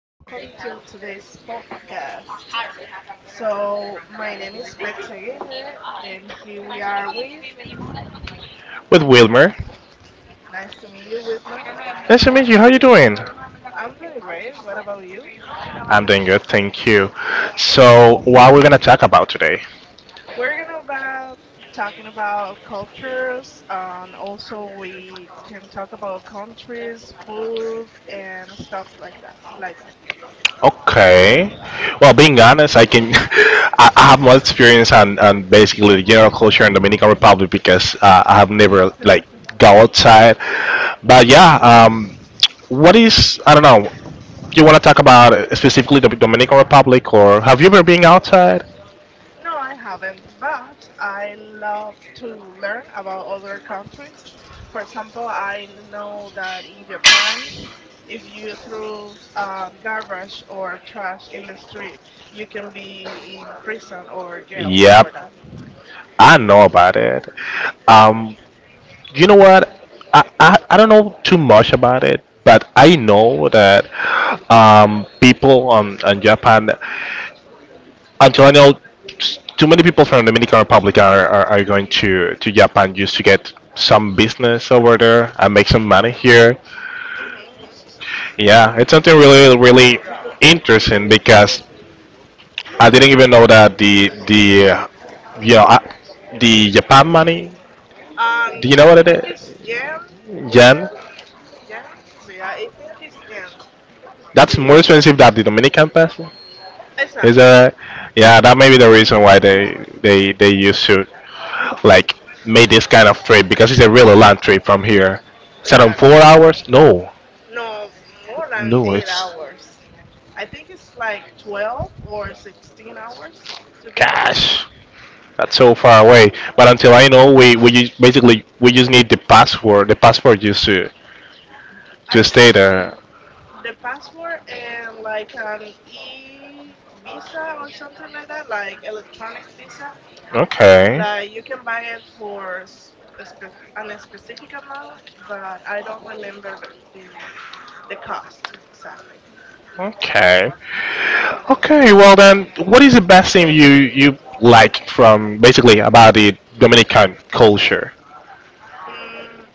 welcome to today's podcast. So, my name is Betsy Aguirre, and here we are with, With Wilmer. nice to meet you, Whitman. Nice to meet you. How you doing? I'm doing great, what about you? I'm doing good, thank you. So, what we're gonna talk about today? We're gonna about talking about cultures, and also we can talk about countries, food, and stuff like that, like that. Okay. Well, being honest, I can I have more experience on basically the general culture in Dominican Republic because I have never like go outside. But yeah, Mhm. What is I don't know. You want to talk about specifically the Dominican Republic, or have you ever been outside? No, I haven't, but I love to learn about other countries. For example, I know that in Japan, if you throw garbage or trash in the street, you can be in prison or jail for Yep, that. I know about it. Um, you know what? I don't know too much about it, but I know that people on Japan, until I know s- too many people from Dominican Republic are going to Japan just to get some business over there and make some money Hmm. here. Hmm. Hmm. Yeah, it's something really, really interesting because I didn't even know that the yeah, I, the Japan money. Do you know I what it think it's is? Jen, Yen. Yemen, Jen. See, I think it's Jen. That's more The expensive than the Dominican peso. Is Exactly, that right? Yeah, that may be the reason why they they used to like make this kind of trip because it's a really long trip from here. That on exactly. 4 hours? No, No, more than no, eight it's hours. I think it's like 12 or 16 hours to get there. gosh, that's so far away. But until I know, we ju- basically we just need the passport. The passport just I to stay think there. y- the password and like an e visa or something like that, like electronic visa, Okay. like you can buy it for a That's spe an specific amount, but I don't remember the, the cost exactly. okay. Okay. Well, then, what is the best thing you like from basically about the Dominican culture? Mm,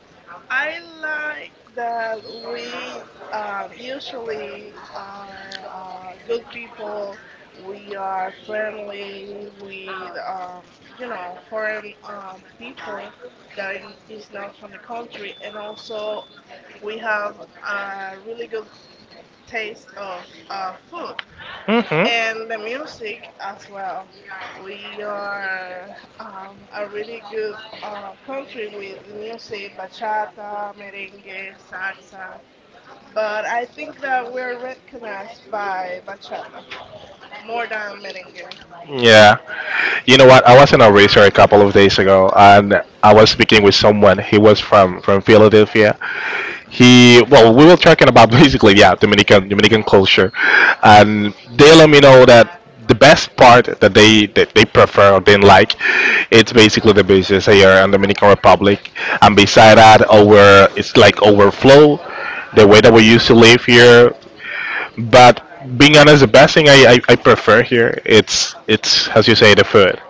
I like that we usually are good people. We are friendly with, foreign people that is not from the country, and also we have a really good taste of food Hmm. and the music as well. We are a really good country with the music, bachata, merengue, salsa, but I think that we're recognized by bachata more than merengue. Yeah. You know what? I was in a racer a couple of days ago, and I was speaking with someone. He was from Philadelphia, Mhm, he well we were talking about basically yeah Dominican culture, and they let me know that the best part that they prefer or didn't like, it's basically the beaches here in Dominican Republic, and beside that over, it's like overflow the way mhm, that we used to live here. But being honest, the best thing I prefer here, it's as you say the food.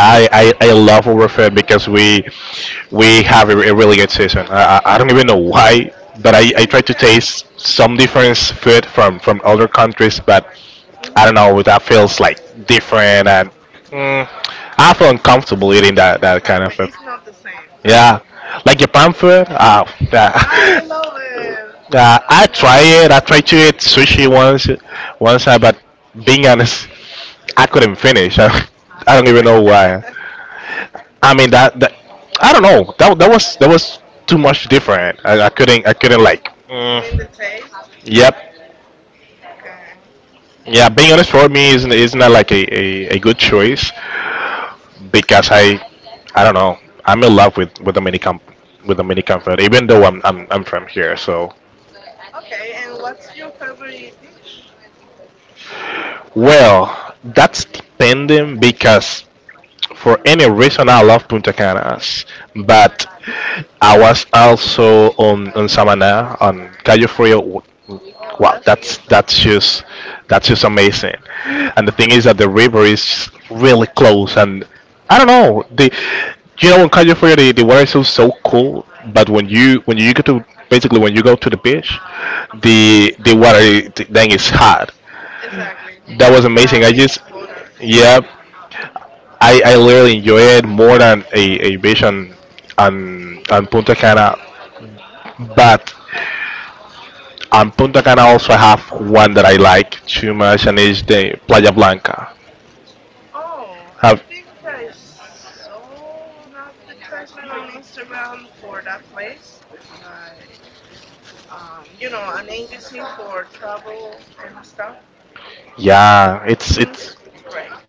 I love Overfed because we have a really good season. I, I don't even know why, but I try to taste some different food from other countries, but I mhm. don't know, that feels like different and mm, I feel uncomfortable eating that, that kind of Exactly, food. it's not the same Yeah, actually. like Japan food. Oh, I I love yeah. it. Yeah, I I love try it. it. I tried to eat sushi once, once, but being honest, I couldn't finish. I don't even know why. I mean that that I don't know. That that was too much different. I couldn't like. In You mean the mm, taste? yep. Okay. Yeah. Being honest, for me is not like a good choice because I don't know. I'm in love with Dominican food even though I'm from here. So Okay, and what's your favorite dish? well, that's depending because for any reason I love Punta Canas, but I was also on Samana on Cayo Mhm. Frio. Oh, Wow, that's that's beautiful. that's just that's just amazing. And the thing is that the river is really close, and I don't Yeah. know the, you know on Cayo Frio the water is so so cool, but when you go to basically when you go to the beach, Uh-huh. The water then is hot. Exactly. That was You have amazing. I just mixed waters. yeah, I really enjoy it more than a beach on Punta Cana. Mm-hmm. But on Punta Cana also I have one that I like too much, and it's the Playa Blanca. Oh, I Have, think I saw an advertisement on Instagram for that place. Like, an agency for travel and stuff. yeah, It seems great.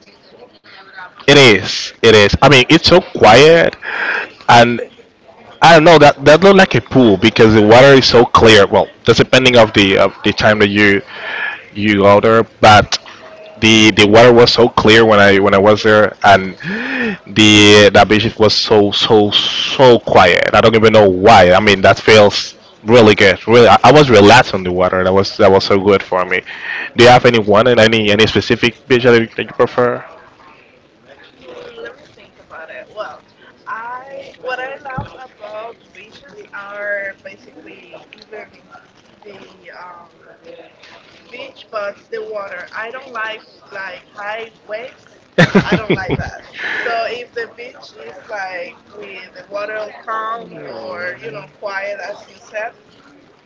it is it is. I mean, it's so quiet, and I don't know that that looked like a pool because the water is so clear. Well, that's depending of the time that you go there, but the water was so clear when I was there, and the that beach was so so so quiet. I don't even know why. I mean, that feels really good. Really, I was relaxed on the water. That was so good for me. Do you have any one and any specific beach that you prefer? Let me think about it. Well, I what I love about the beaches are basically even the um the beach, but the water. I don't like high waves. I don't like that. I So if the beach is like with the water calm or quiet as you said,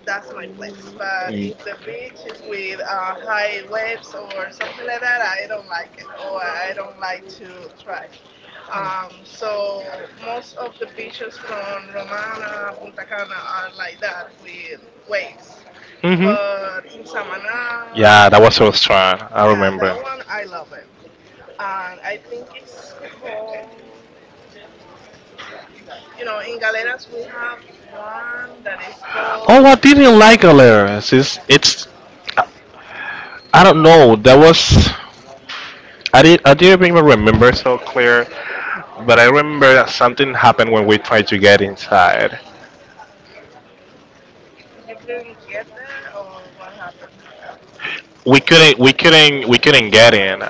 that's my place. But if the Mm. beach is with high waves or something like that, I don't like it or I don't like to try. So most of the beaches from Romana, Punta Cana are like that with waves. Hmm. But in Samaná, Yeah, that was so strong. I yeah, remember. that Remember. One, one I love it. And I think it's called, in Galeras we have one that is oh, called, I called, didn't like Galeras. It's I, I don't know. That was I did I didn't even remember so clear, but I Mhm. remember that something happened when we tried to get inside. You couldn't get there or what happened? We couldn't we couldn't get in.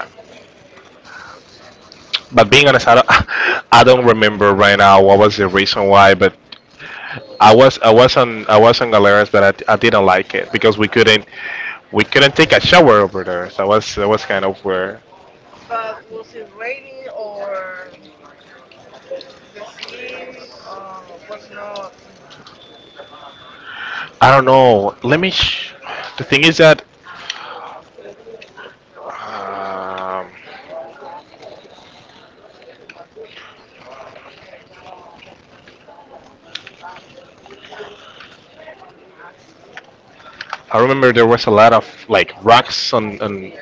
But being honest, I don't, I don't remember right now what was the reason why. But I was on I was on Galeras, but I, d- I didn't like it because we couldn't take a shower over there. So that was kind of weird. But was it rainy, or the sea was not? I don't know. Let me. Sh- the thing is that um, I remember there was a lot of like rocks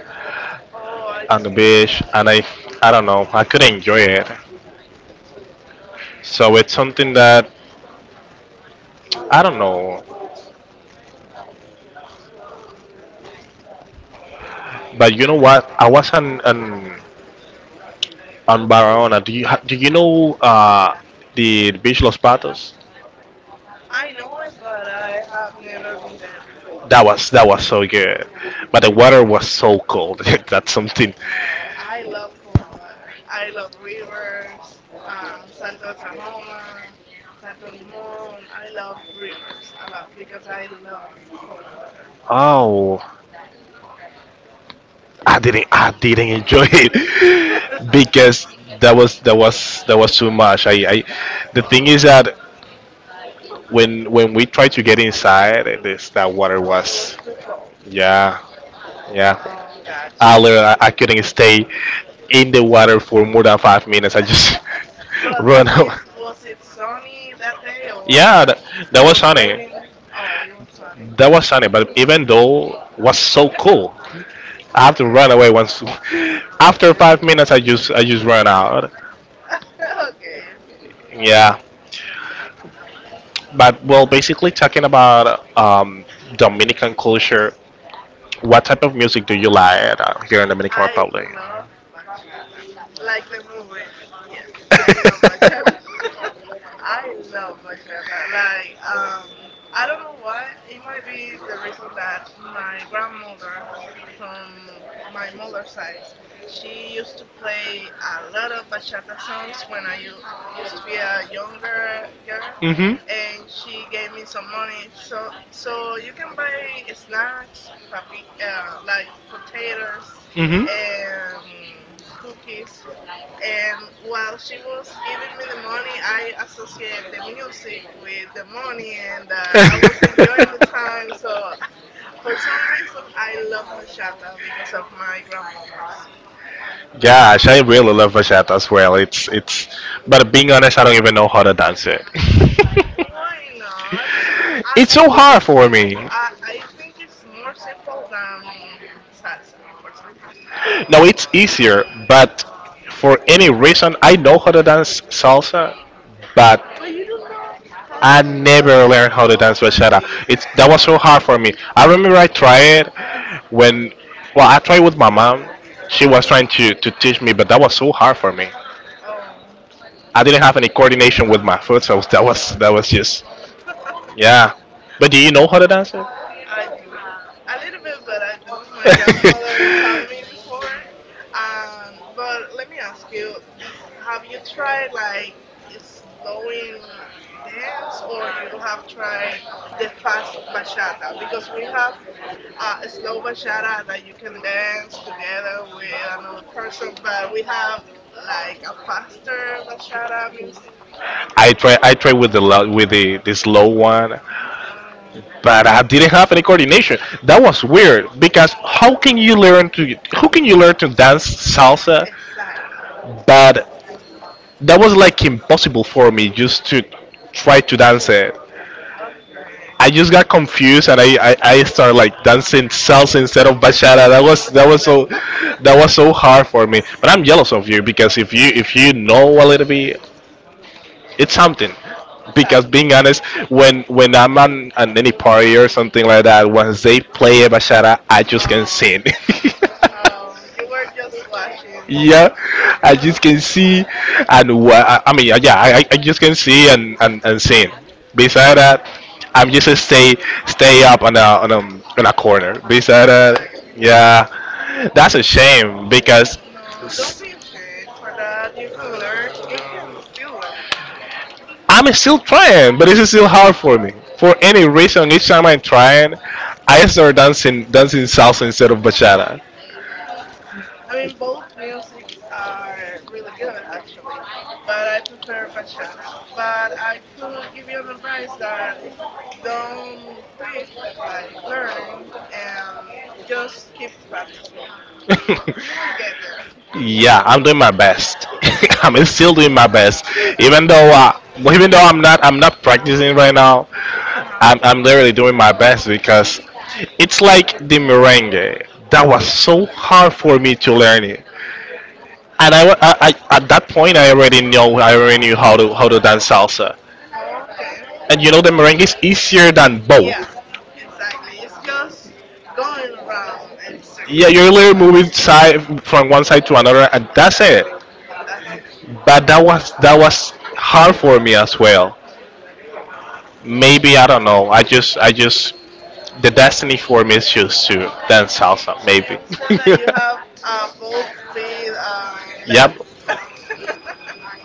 Oh, I on the see. beach, and I don't know. I could not enjoy it. So it's something that I don't know. But you know what? I was not Mm-hmm. on Barahona. Do you ha- do you know the beach Los Patos? I know it, but I have never been there before. That was so good, but the water was so cold. That's something. Well, I love cold water. I love rivers, Salto de Sahoma, Salto Limon. I love rivers a lot because I love cold water. Oh, I didn't enjoy it because that was that was too much. I the thing is that when we tried to get inside, this that water It was was too cold. yeah yeah Oh, got you. hour. I couldn't stay in the water for more than 5 minutes. I just But run at least out. was it sunny that day Was Yeah, or that, that it was it was sunny. raining? Oh, it was sunny. That was sunny, but Hmm. even though was so cool, I have to run Okay. away once. After 5 minutes, I just ran out. Okay, okay, okay. Yeah, but well, basically talking about Dominican culture. What type of music do you like here in Dominican I Republic? love bachata, Country. like the movie. Yes, I love bachata. I love bachata. Like, I don't know why. It might be the reason that my grandmother, from my mother's side, she used to play a lot of bachata songs when I used to be a younger girl, Mhm. and she gave me some money. So, you can buy snacks, papi, like potatoes Mhm. and cookies. And while she was giving me the money, I associate the music with the money and that I was enjoying the time. So for some reason, I love bachata because of my grandmother's. Gosh, I really love bachata as well. It's, but being honest, I don't even know how to dance it. Why not? It's, I, It's I so think hard it's for me. simple. I think it's more simple than salsa, for example. No, it's easier, but for any reason, I know how to dance salsa, but But you don't know how to I dance never bachata. learned how to Oh dance my bachata. Jesus It's that was so Christ. hard for me. I remember I tried when, well, I tried with my mom. She was trying to teach me, but that was so hard for me. Oh. I didn't have any coordination with my foot, so that was just yeah. But do you know how to dance it? I do I a little bit, but I do. My grandmother told me before. But let me ask you: have you tried like a slowing dance, or you have tried the fast bachata? Because we have a slow bachata that you can dance together with another person, but we have like a faster bachata music. I try with the lo- with the this low one, Um, but I didn't have any coordination. That was weird because how can you learn to how can you learn to dance salsa? Exactly. But that was like impossible for me just to try to dance So, it. okay. I just got confused, and I started like dancing salsa instead of bachata. Instead of each other. That was so hard for me. But I'm jealous of you because if you know a little bit, it's something. Because Exactly. being honest, Something. when I'm on any party or something like that, once they Mhm. play a bachata, I just can Oh, sing. oh, you were just watching. Yeah, I just can see and what I mean yeah I I just can see and sing. Beside that, I'm just a stay stay up on a on a, on a corner, beside that, exactly. yeah. That's a shame because No, don't be ashamed for that. You can learn. You can still learn. I'm still trying, but it's still hard for me. For any reason, each time I'm trying, I start dancing salsa instead of bachata. Mm. I mean, both music are really good actually, but I prefer bachata. But I could give you an advice that don't quit like learning and just keep practicing. You will get there. Yeah, I'm doing my best. I'm still doing my best, even though well, even though I'm not practicing right now. uh huh. I'm literally doing my best because it's like the merengue. That was so hard for me to learn it, and I, wa- I at that point I already knew how to dance salsa. Okay. And you know the merengue is easier than both. Yeah, exactly. It's just going around in Yeah, circle you're literally like. moving side from one side to another, and that's it. Exactly. And that's it. But Mhm. That was hard for me as well. Mhm. Maybe I don't know. I just the destiny for me is just to dance salsa. So Maybe. you said that you have both feet left? Yep.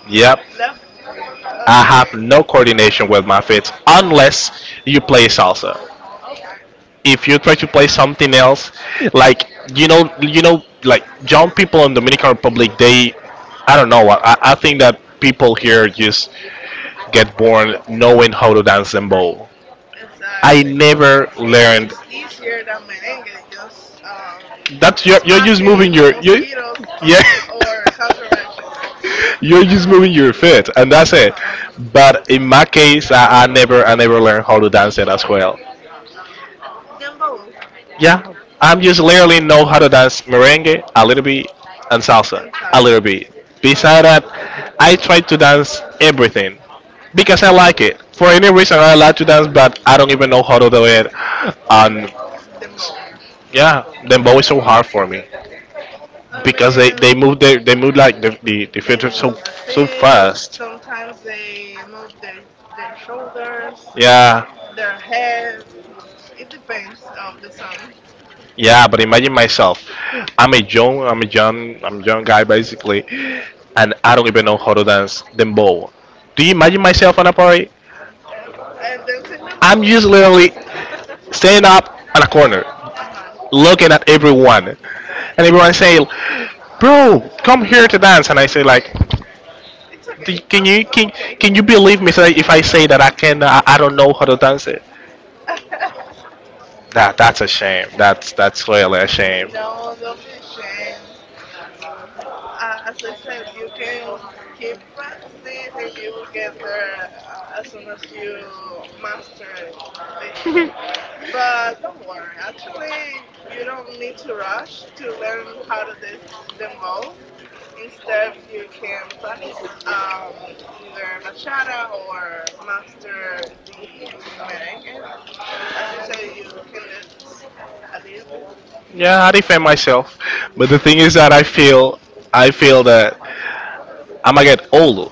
Yep. Left feet. I have Okay. no coordination with my feet unless Mm, you play salsa. okay, If you try to play something else, like you know, like young people in Dominican Republic, they, I don't know. I think that people here just get born knowing how to dance and bowl. I exactly. Exactly. never I mean, learned. it's easier than merengue, just That's you're just moving smashing your you're, mosquitoes yeah. on, or cockroaches. You're just Uh moving your feet, and that's it. huh. But in my case, I never I never learned how to dance it as well. Dembo Yeah, I'm just literally know how to dance merengue a little bit and salsa and a salsa. little bit. Besides Okay, that, I try to dance everything okay. because I like it. For any reason, I like to dance, but I don't even know how to do it. And Dembo, with yeah, Dembo. dembow is so hard for me I because they mean, move their, they move like the they filter so move the so feet. fast. Sometimes they move their shoulders, Yeah, their head. It depends of the sun. Yeah, but imagine myself. I'm a young guy basically, and I don't even know how to dance dembow. Do you imagine myself on a party? Um, and dancing I'm Dembo. just literally standing up on a corner, Uh-huh. looking at everyone, and everyone saying, "Bro, come here to dance," and I say like, It's "D- okay. "Can I'm I'm okay can you here. believe me if I say that I don't know how to dance it?" That's a shame. That's really a shame. No, don't be ashamed. As I said, you can keep practicing and you will get there as soon as you master it, basically. But don't worry, actually, you don't need to rush to learn how to dance dembow. Instead, you can practice either bachata or master the merengue. As you said, you can dance a little bit. Yeah, I defend myself. But the thing is that I feel that I'm gonna get old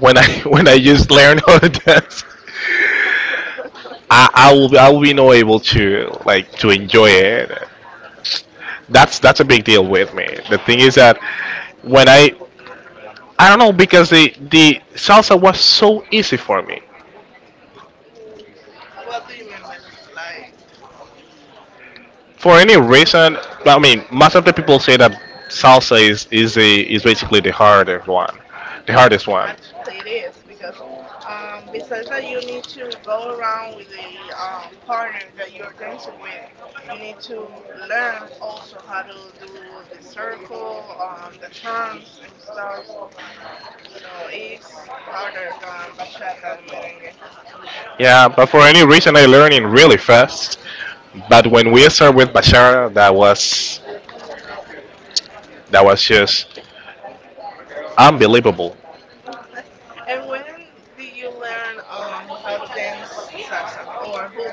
when I when I just learn how to dance. I will be not able to like to enjoy it. That's a big deal with me. The thing is that when I don't know because the salsa was so easy for me. W- What do you mean by that? Like For any the reason, most of the people say that salsa is basically the hardest one, the hardest one. Actually, it is because besides that, you need to go around with the partner that you're dancing with. You need to learn also how to do the circle, the turns and stuff. So it's harder than bachata and merengue. Yeah, but for any reason, I learning really fast. But when we start with Bashara, that was just unbelievable. And when did you learn how to dance salsa, or who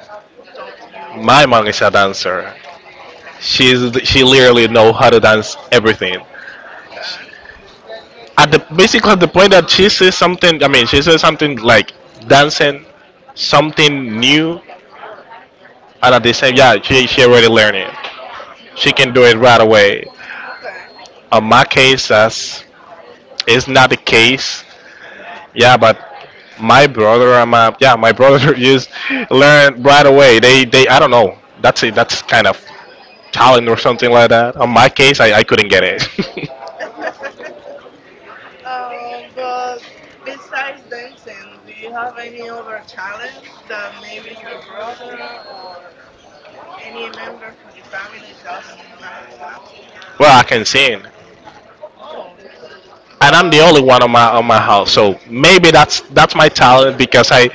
taught you? My mom How is a to. dancer. Okay, She's she literally know how to dance everything. okay, At the basically the point that she says something, I mean she says something like dancing, hmm something new, and at the same she already learned it. She can do it right away. On my case, that's it's not the case. Yeah, but my brother and my yeah my brother just learned right away. They I don't know. That's it. That's kind of talent or something like that. On my case, I couldn't get it. okay. But besides dancing, do you have any other talent that maybe your brother or any member from your family does not have? Well, I can sing, Oh, and I'm the but only one on my house. So maybe that's my talent because I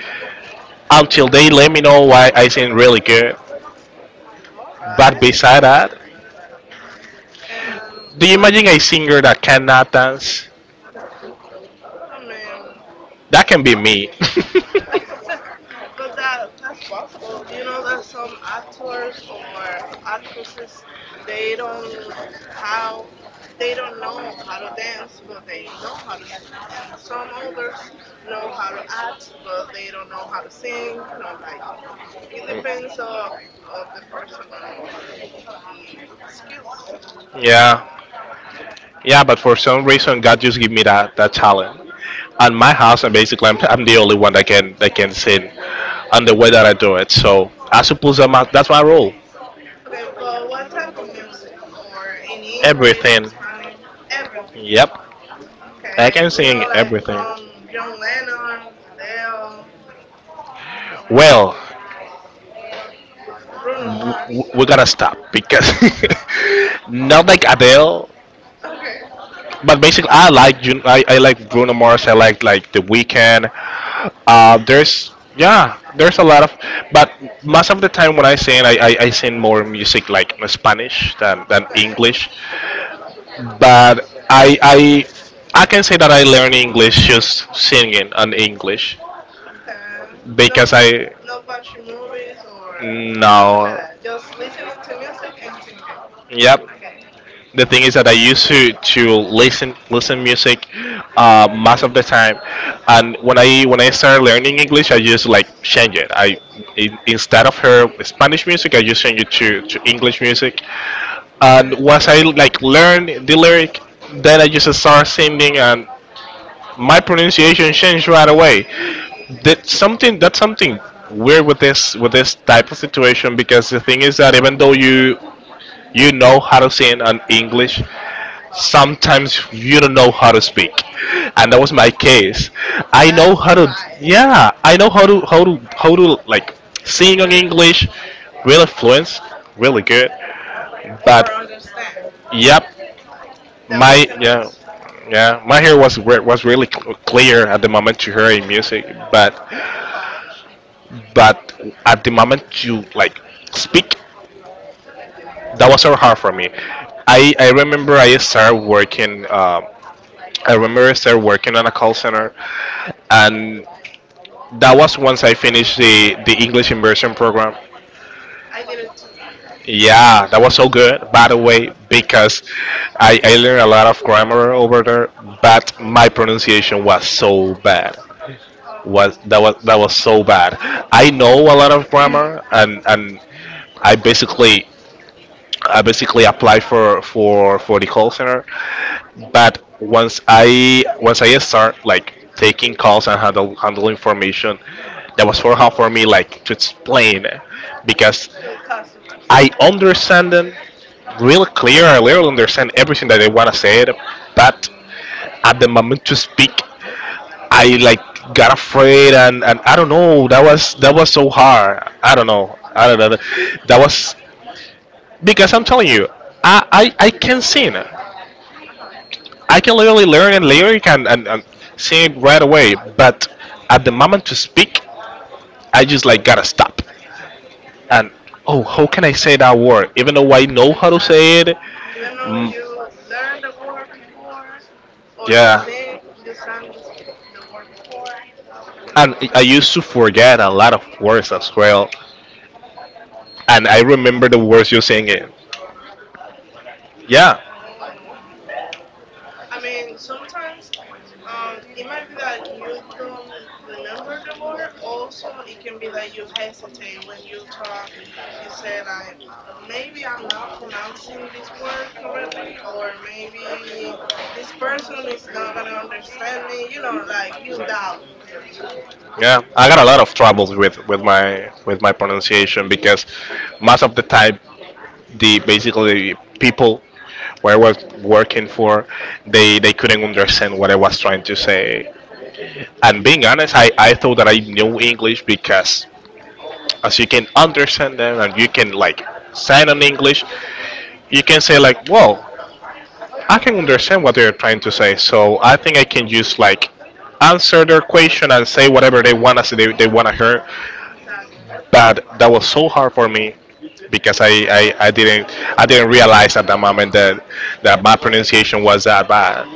until they let me know why I sing really good. all But right. beside that, And do you what? imagine a singer that cannot dance? I mean, That that's can be me. possible. But that's possible. You know that some actors or actresses they don't how they don't know how to dance, but they know how to sing. And some others know how to act, but they don't know how to sing. You know, like it depends of the person or the skills. Yeah. Yeah, but for some reason, God just give me that talent. At my house, and basically, I'm the only one that can sing, and the way that I do it. So I suppose I'm a, that's my role. Okay, but what type of music or in English, Everything. Spanish, everything? Yep. I Okay, can sing like everything. from John Lennon, Adele, or Well, Bruno Mars. We gotta stop because Okay. not like Adele. Okay. But basically, I like I like Bruno Mars. I like The Weeknd. There's a lot of, but most of the time when I sing, I sing more music like Spanish than Okay. English. But I can say that I learn English just singing on English Okay. No, because not I not watching movies or like nothing like no. that. Just listening to music and singing. Yep. Okay. The thing is that I used to listen music most of the time, and when I started learning English, I just like change it. Instead of her Spanish music, I just change it to English music. And Okay. once I like learn the lyric, then I just start singing, and my pronunciation changed right away. That's something weird with this type of situation because the thing is that even though you know how to sing in English, hmm sometimes you don't know how to speak, and that was my case. I know That's how to right. yeah, I know how to how to like sing in English, really fluent, really hmm good, but Or understand. yep, Like, the that was my gonna be listening was yeah perfect. yeah Okay. my hair was was really clear at the moment you heard in music Okay, Polish. but at the moment you like speak that was so hard for me. I remember I started working I remember I started working on a call center and that was once I finished the english immersion program. I did it too. Yeah, that was so good, by the way, because I learned a lot of grammar over there but my pronunciation was so bad, was Oh, that was that was so bad. I know a lot of grammar, and I basically I basically applied for for the call center, mhm, but once I start like taking calls and handle information, that was for hard for me like to explain, because to the customers. I understand them real clear. I really understand everything that they wanna say, but at the moment to speak I like got afraid, and I don't know, that was so hard. I don't know, I don't know, that was because I'm telling you I Mhm, I can sing. I uh-huh. can literally learn a lyric and, and sing it right away, but at the moment to speak I just like gotta stop and oh how can I say that word even though I know how to say Exactly. it. Even though mm, you learned the word before, or you yeah. sing, you sang the word before, And I yeah, used to forget a lot of words as well. exactly. And I remember the words you're saying it. Yeah. Oh, I mean, sometimes it might be that you don't remember the word. Also, it can be that you hesitate when you talk. You say like, maybe I'm not pronouncing this word correctly, or maybe this person is not gonna understand me. You know, like you doubt yourself. Yeah. I got a lot of troubles with, with my pronunciation because most of the time the basically people where I was working for, they couldn't understand what I was trying to say. And being honest, I thought that I knew English because as you can understand them and you can Hmm. like sign on English, Hmm. you can say like, whoa, I can understand what they're trying to say, so I think I can just like answer their question and say whatever they want to say, they want to hear. Exactly. But that was so hard for me because I didn't realize at that moment that that my pronunciation was that bad.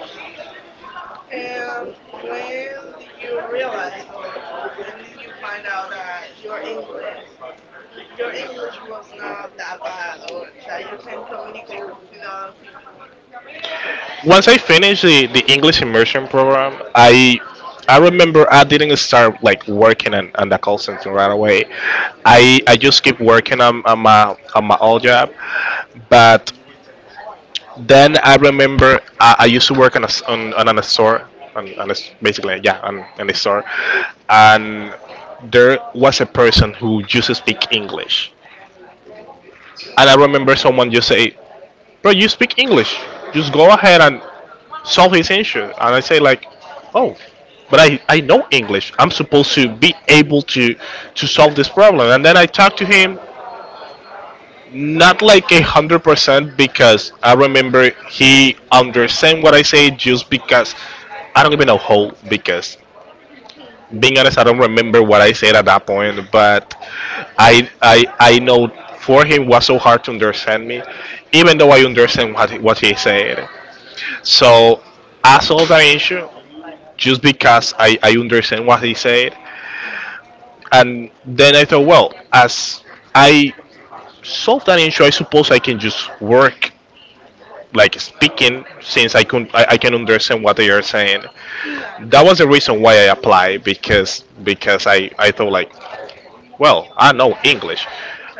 And when did you realize, or when did you find out that your English was not that bad, or that you can communicate with other people? Once I finished the English immersion program, I remember I didn't start like working on the call center right away. I just keep working on my old job, but then I remember I used to work on on a store, on basically yeah, on a store, and there was a person who used to speak English, and I remember someone just say, "Bro, you speak English. Just go ahead and solve his issue." And I say like, "Oh." But I know English. I'm supposed to Mhm. be able to solve this problem. And then I talked to him. Not like 100% because I remember he understand what I say just because I don't even know how because Mhm. being honest I don't remember what I said at that point, but Okay. I know for him was so hard to understand me even though I understand what he said, so I solved that issue just because I understand what he said, Mhm. and then I thought, well, as I solve that issue I suppose I can just work like speaking since I can understand what they are saying. Exactly. That was the reason why I applied because I thought like well I know English,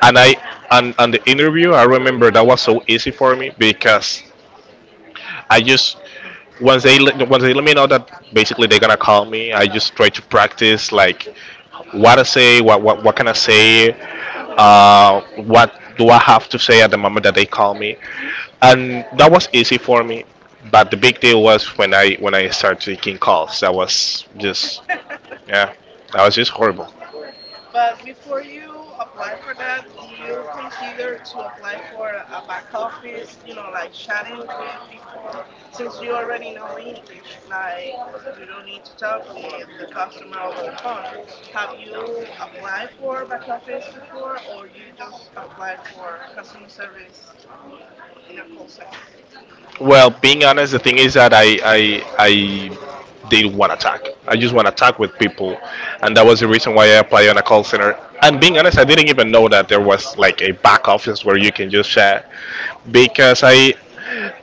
and I and the interview I remember that was so easy for me because I just once they let me know that basically they're gonna call me, I just try to practice like what I say, what can I say, Mhm. What do I have to say at the moment that they call me, and that was easy for me. But the big deal was when I started taking calls. That was just yeah, that was just horrible. But before you apply for that, do you consider to apply for a back office, like chatting with people since you already know English, like you don't need to talk with the customer over the phone. Have you applied for back office before or you just apply for customer service um, in a call center? Well, being honest, the thing is that I did one attack. I just want to attack with people, and that was the reason why I applied on a call center. And being honest, I didn't even know that there was like a back office where you can just chat because I,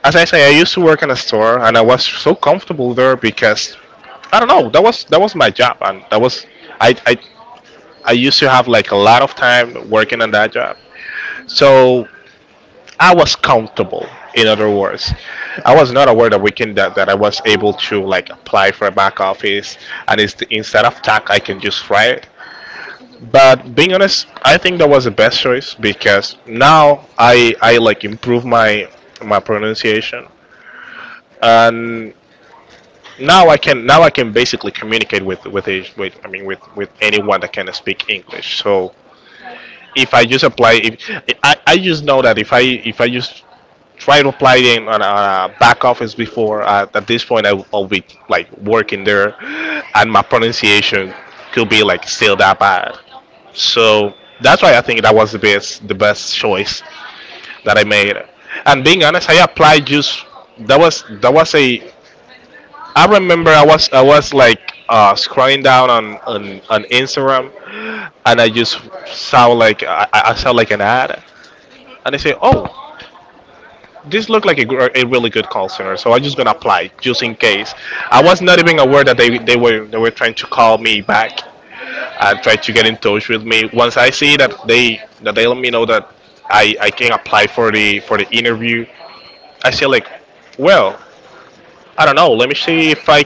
as I say, I used to work in a store and I was so comfortable there because I don't know that was my job and that was I I I used to have like a lot of time working on that job. Mm-hmm. So I was comfortable. In other words, I was not aware that we can that, that I was able to like apply for a back office, and it's the, instead of tack, I can just fry it. Mm-hmm. But being honest, I think that was the best choice because now I like improve my my pronunciation, Mm-hmm. and now I can basically communicate with with anyone that can speak English. So Exactly. if I just apply, if I just know that if I just tried applying on a back office before. At this point, I'll be like working there, and my pronunciation could be like still that bad. So that's why I think that was the best choice that I made. And being honest, I applied just that was a I remember I was like scrolling down on Instagram, and I just saw like an ad, Mm-hmm. and I say, oh, this looked like a really good call center, so I'm just gonna apply just in case. I Okay. was not even aware that they were trying to call me back and Mm-hmm. try to get in touch with me. Once I see that they let me know that I can apply for the interview, I say like, well, I don't know. Let me see if I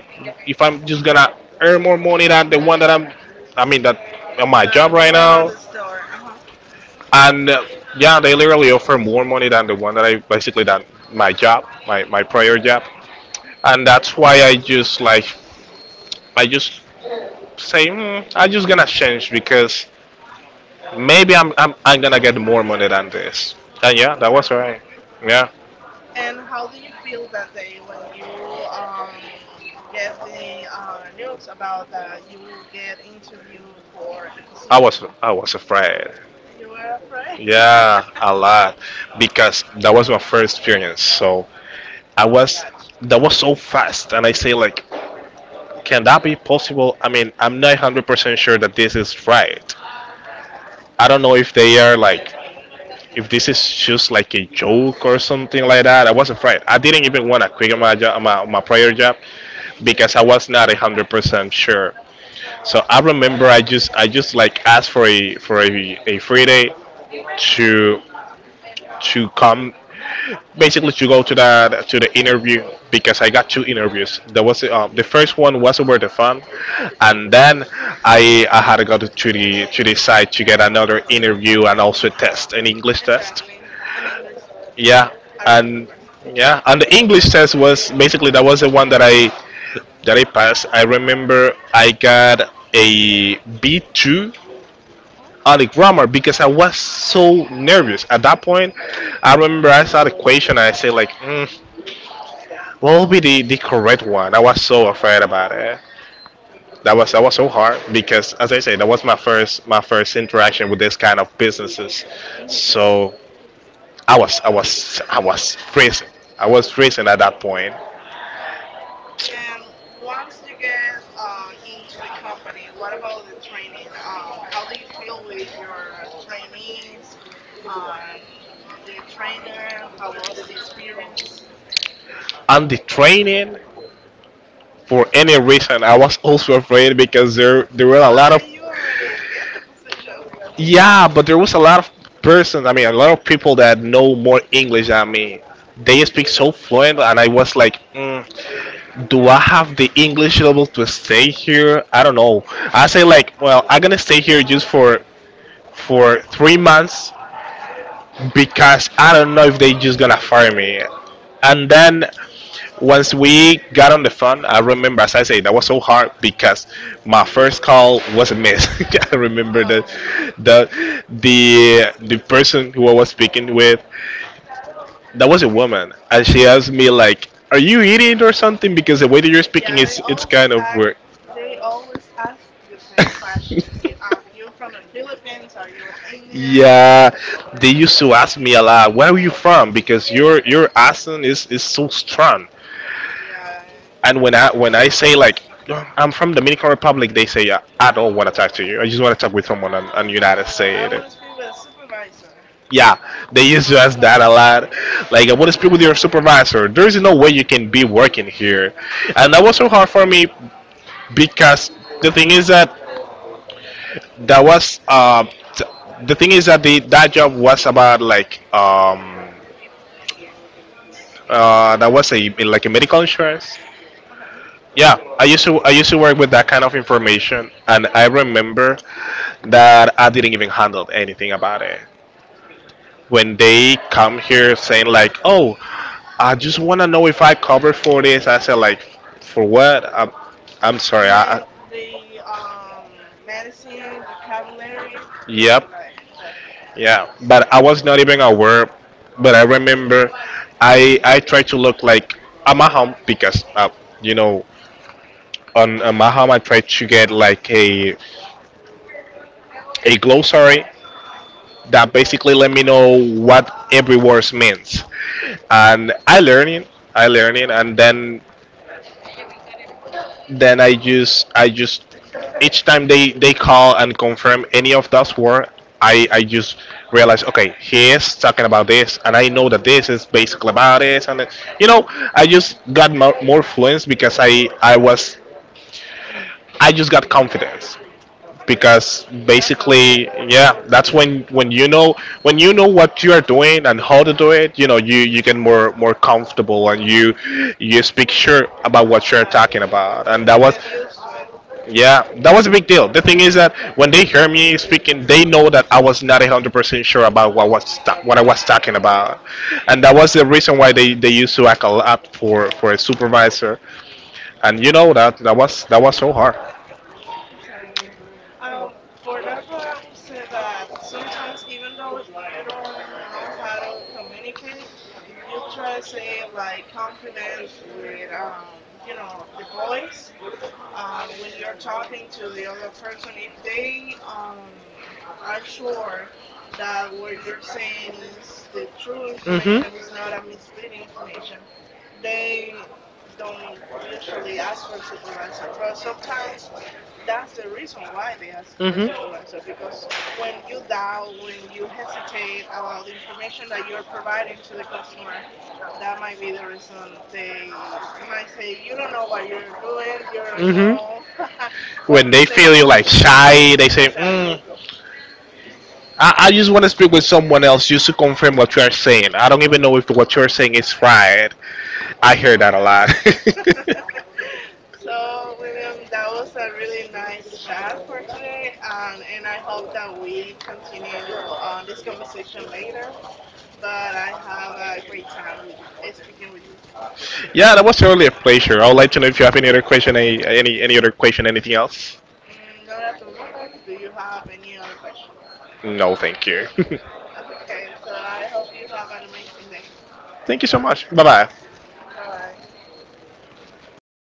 if I'm just gonna earn more money than the one that I'm. I mean that on my job The right doing at now the store. Uh-huh. and yeah, they literally offer more money than the one that I basically than my job, my Mhm. prior job, and that's why I just like I just say I'm just gonna change because maybe I'm gonna get more money than this. And yeah, that was Exactly. right. Yeah. And how do you feel that day when you um, get the news about that you will get interview for the I was position? I was afraid. You were afraid? Yeah, a lot because that was my first experience. So I Oh, was gotcha. that was so fast, and I say like, can that be possible? I mean, I'm not 100% sure that this is right. I don't know if they are like if this is just like a joke or something like that. I wasn't afraid. I didn't even want to quit my job, my prior job, hmm because I was not 100% sure. So I remember I just like asked for a free day to to come basically to go to that to the interview because I got two interviews. There was the first one was over the Oh, phone, and then I had to go to the site to get another interview and also a test, an English test, exactly. An English test. yeah. I And remember. yeah, and the English test was basically that was the one that I passed. I remember I got a B2 Oh, on the grammar because I was so nervous at that point. I remember I saw the question and I said like, "What will be the correct one?" I was so afraid about it. That was so hard because, as I said, that was my first interaction with this kind of businesses. So I was freezing. I was freezing at that point. and once you get on into the company, what about the training? On how do you feel with your trainees? On the trainer, how was the experience? And the training, for any reason I was also afraid because there were a lot of, Why you already get the position? yeah, but there was a lot of persons. I mean a lot of people that know more English than me. They speak so fluent, and I was like, do I have the English level to stay here? I don't know. I say like, well, I'm gonna stay here just for 3 months because I don't know if they just gonna fire me. And then once we got on the phone, I remember, as I say, that was so hard because my first call was a miss. I I remember that remember. Oh. the the person who I was speaking with, that was a woman, and she asked me like, "Are you eating or something? Because the way that you're speaking Yeah, they is it's always kind of ask. weird." They always ask the same question. Are you from the Philippines? Are you Indian? Yeah, Or they used to ask me a lot, "Where are you from?" Because your accent is so strong. yeah, And when I when it's I from say that like side. I'm from Dominican Republic, they say I don't want to talk to you. I just want to talk with someone on United Or I want to States. speak with a supervisor. Yeah, they used to My ask that a first call. lot. Like, I want to speak with your supervisor. There is no way you can be working here, and that was so hard for me because the thing is that that was uh, t- the thing is that the that job was about like, that was a, like, a medical insurance. Okay. Yeah, I used to work with that kind of information, and I remember that I didn't even handle anything about it. When they come here saying like, "Oh, I just want to know if I cover for this," I said like, "For what? I'm, sorry. You mean the medicine vocabulary? You know, Yep, like the yeah. the But I strong. was not even Oh. aware. But I remember, I tried to look like at my home because you know on my home I tried to get like a glossary that basically let me know what every word means. And I learn it, and then I just each time they call and confirm any of those words, I just realize okay, he is talking about this, and I know that this is basically about this. And you know I Okay. just got more fluence because I just got confidence Okay. because That's basically, awesome. yeah, that's when you know what you are doing and how to do it. You get more comfortable, and you speak sure about what you're talking Exactly. about. And You that was, get used to it. yeah, that was a big deal. The thing is that when they hear me speaking, they know that I was not 100% sure about what I was talking about, and that was the reason why they used to act a lot for a supervisor. And you know that that was so hard. Exactly. For that part, I would say that sometimes, even though you don't know how to communicate, if you try to say it, like confident with, the voice, when you're talking to the other person, if they are sure that what you're saying is the true Mhm. information, it's not a misleading information, they don't usually ask for a supervisor. But sometimes that's the reason why they ask for a Mhm. supervisor because when you doubt, when you hesitate about the information that you're providing to the customer, that might be the reason they might say, you don't know what you're doing, you don't Mhm. know what you're You saying. like So, shy, they say, exactly, I just want to speak with someone else just to confirm what you are saying. I don't even know if what you're saying is exactly, right. I hear that a lot. exactly. So, William, that was a really nice chat for today, and I hope that we continue on this conversation later. But I have a great time with speaking with you. Yeah, that was really a pleasure. I would like to know if you have any other question, any other question, anything else. Mm, not at the moment. Do you have any other questions? No, thank you. Okay, so I hope you have an amazing day. Thank you so much. Bye bye. Bye bye.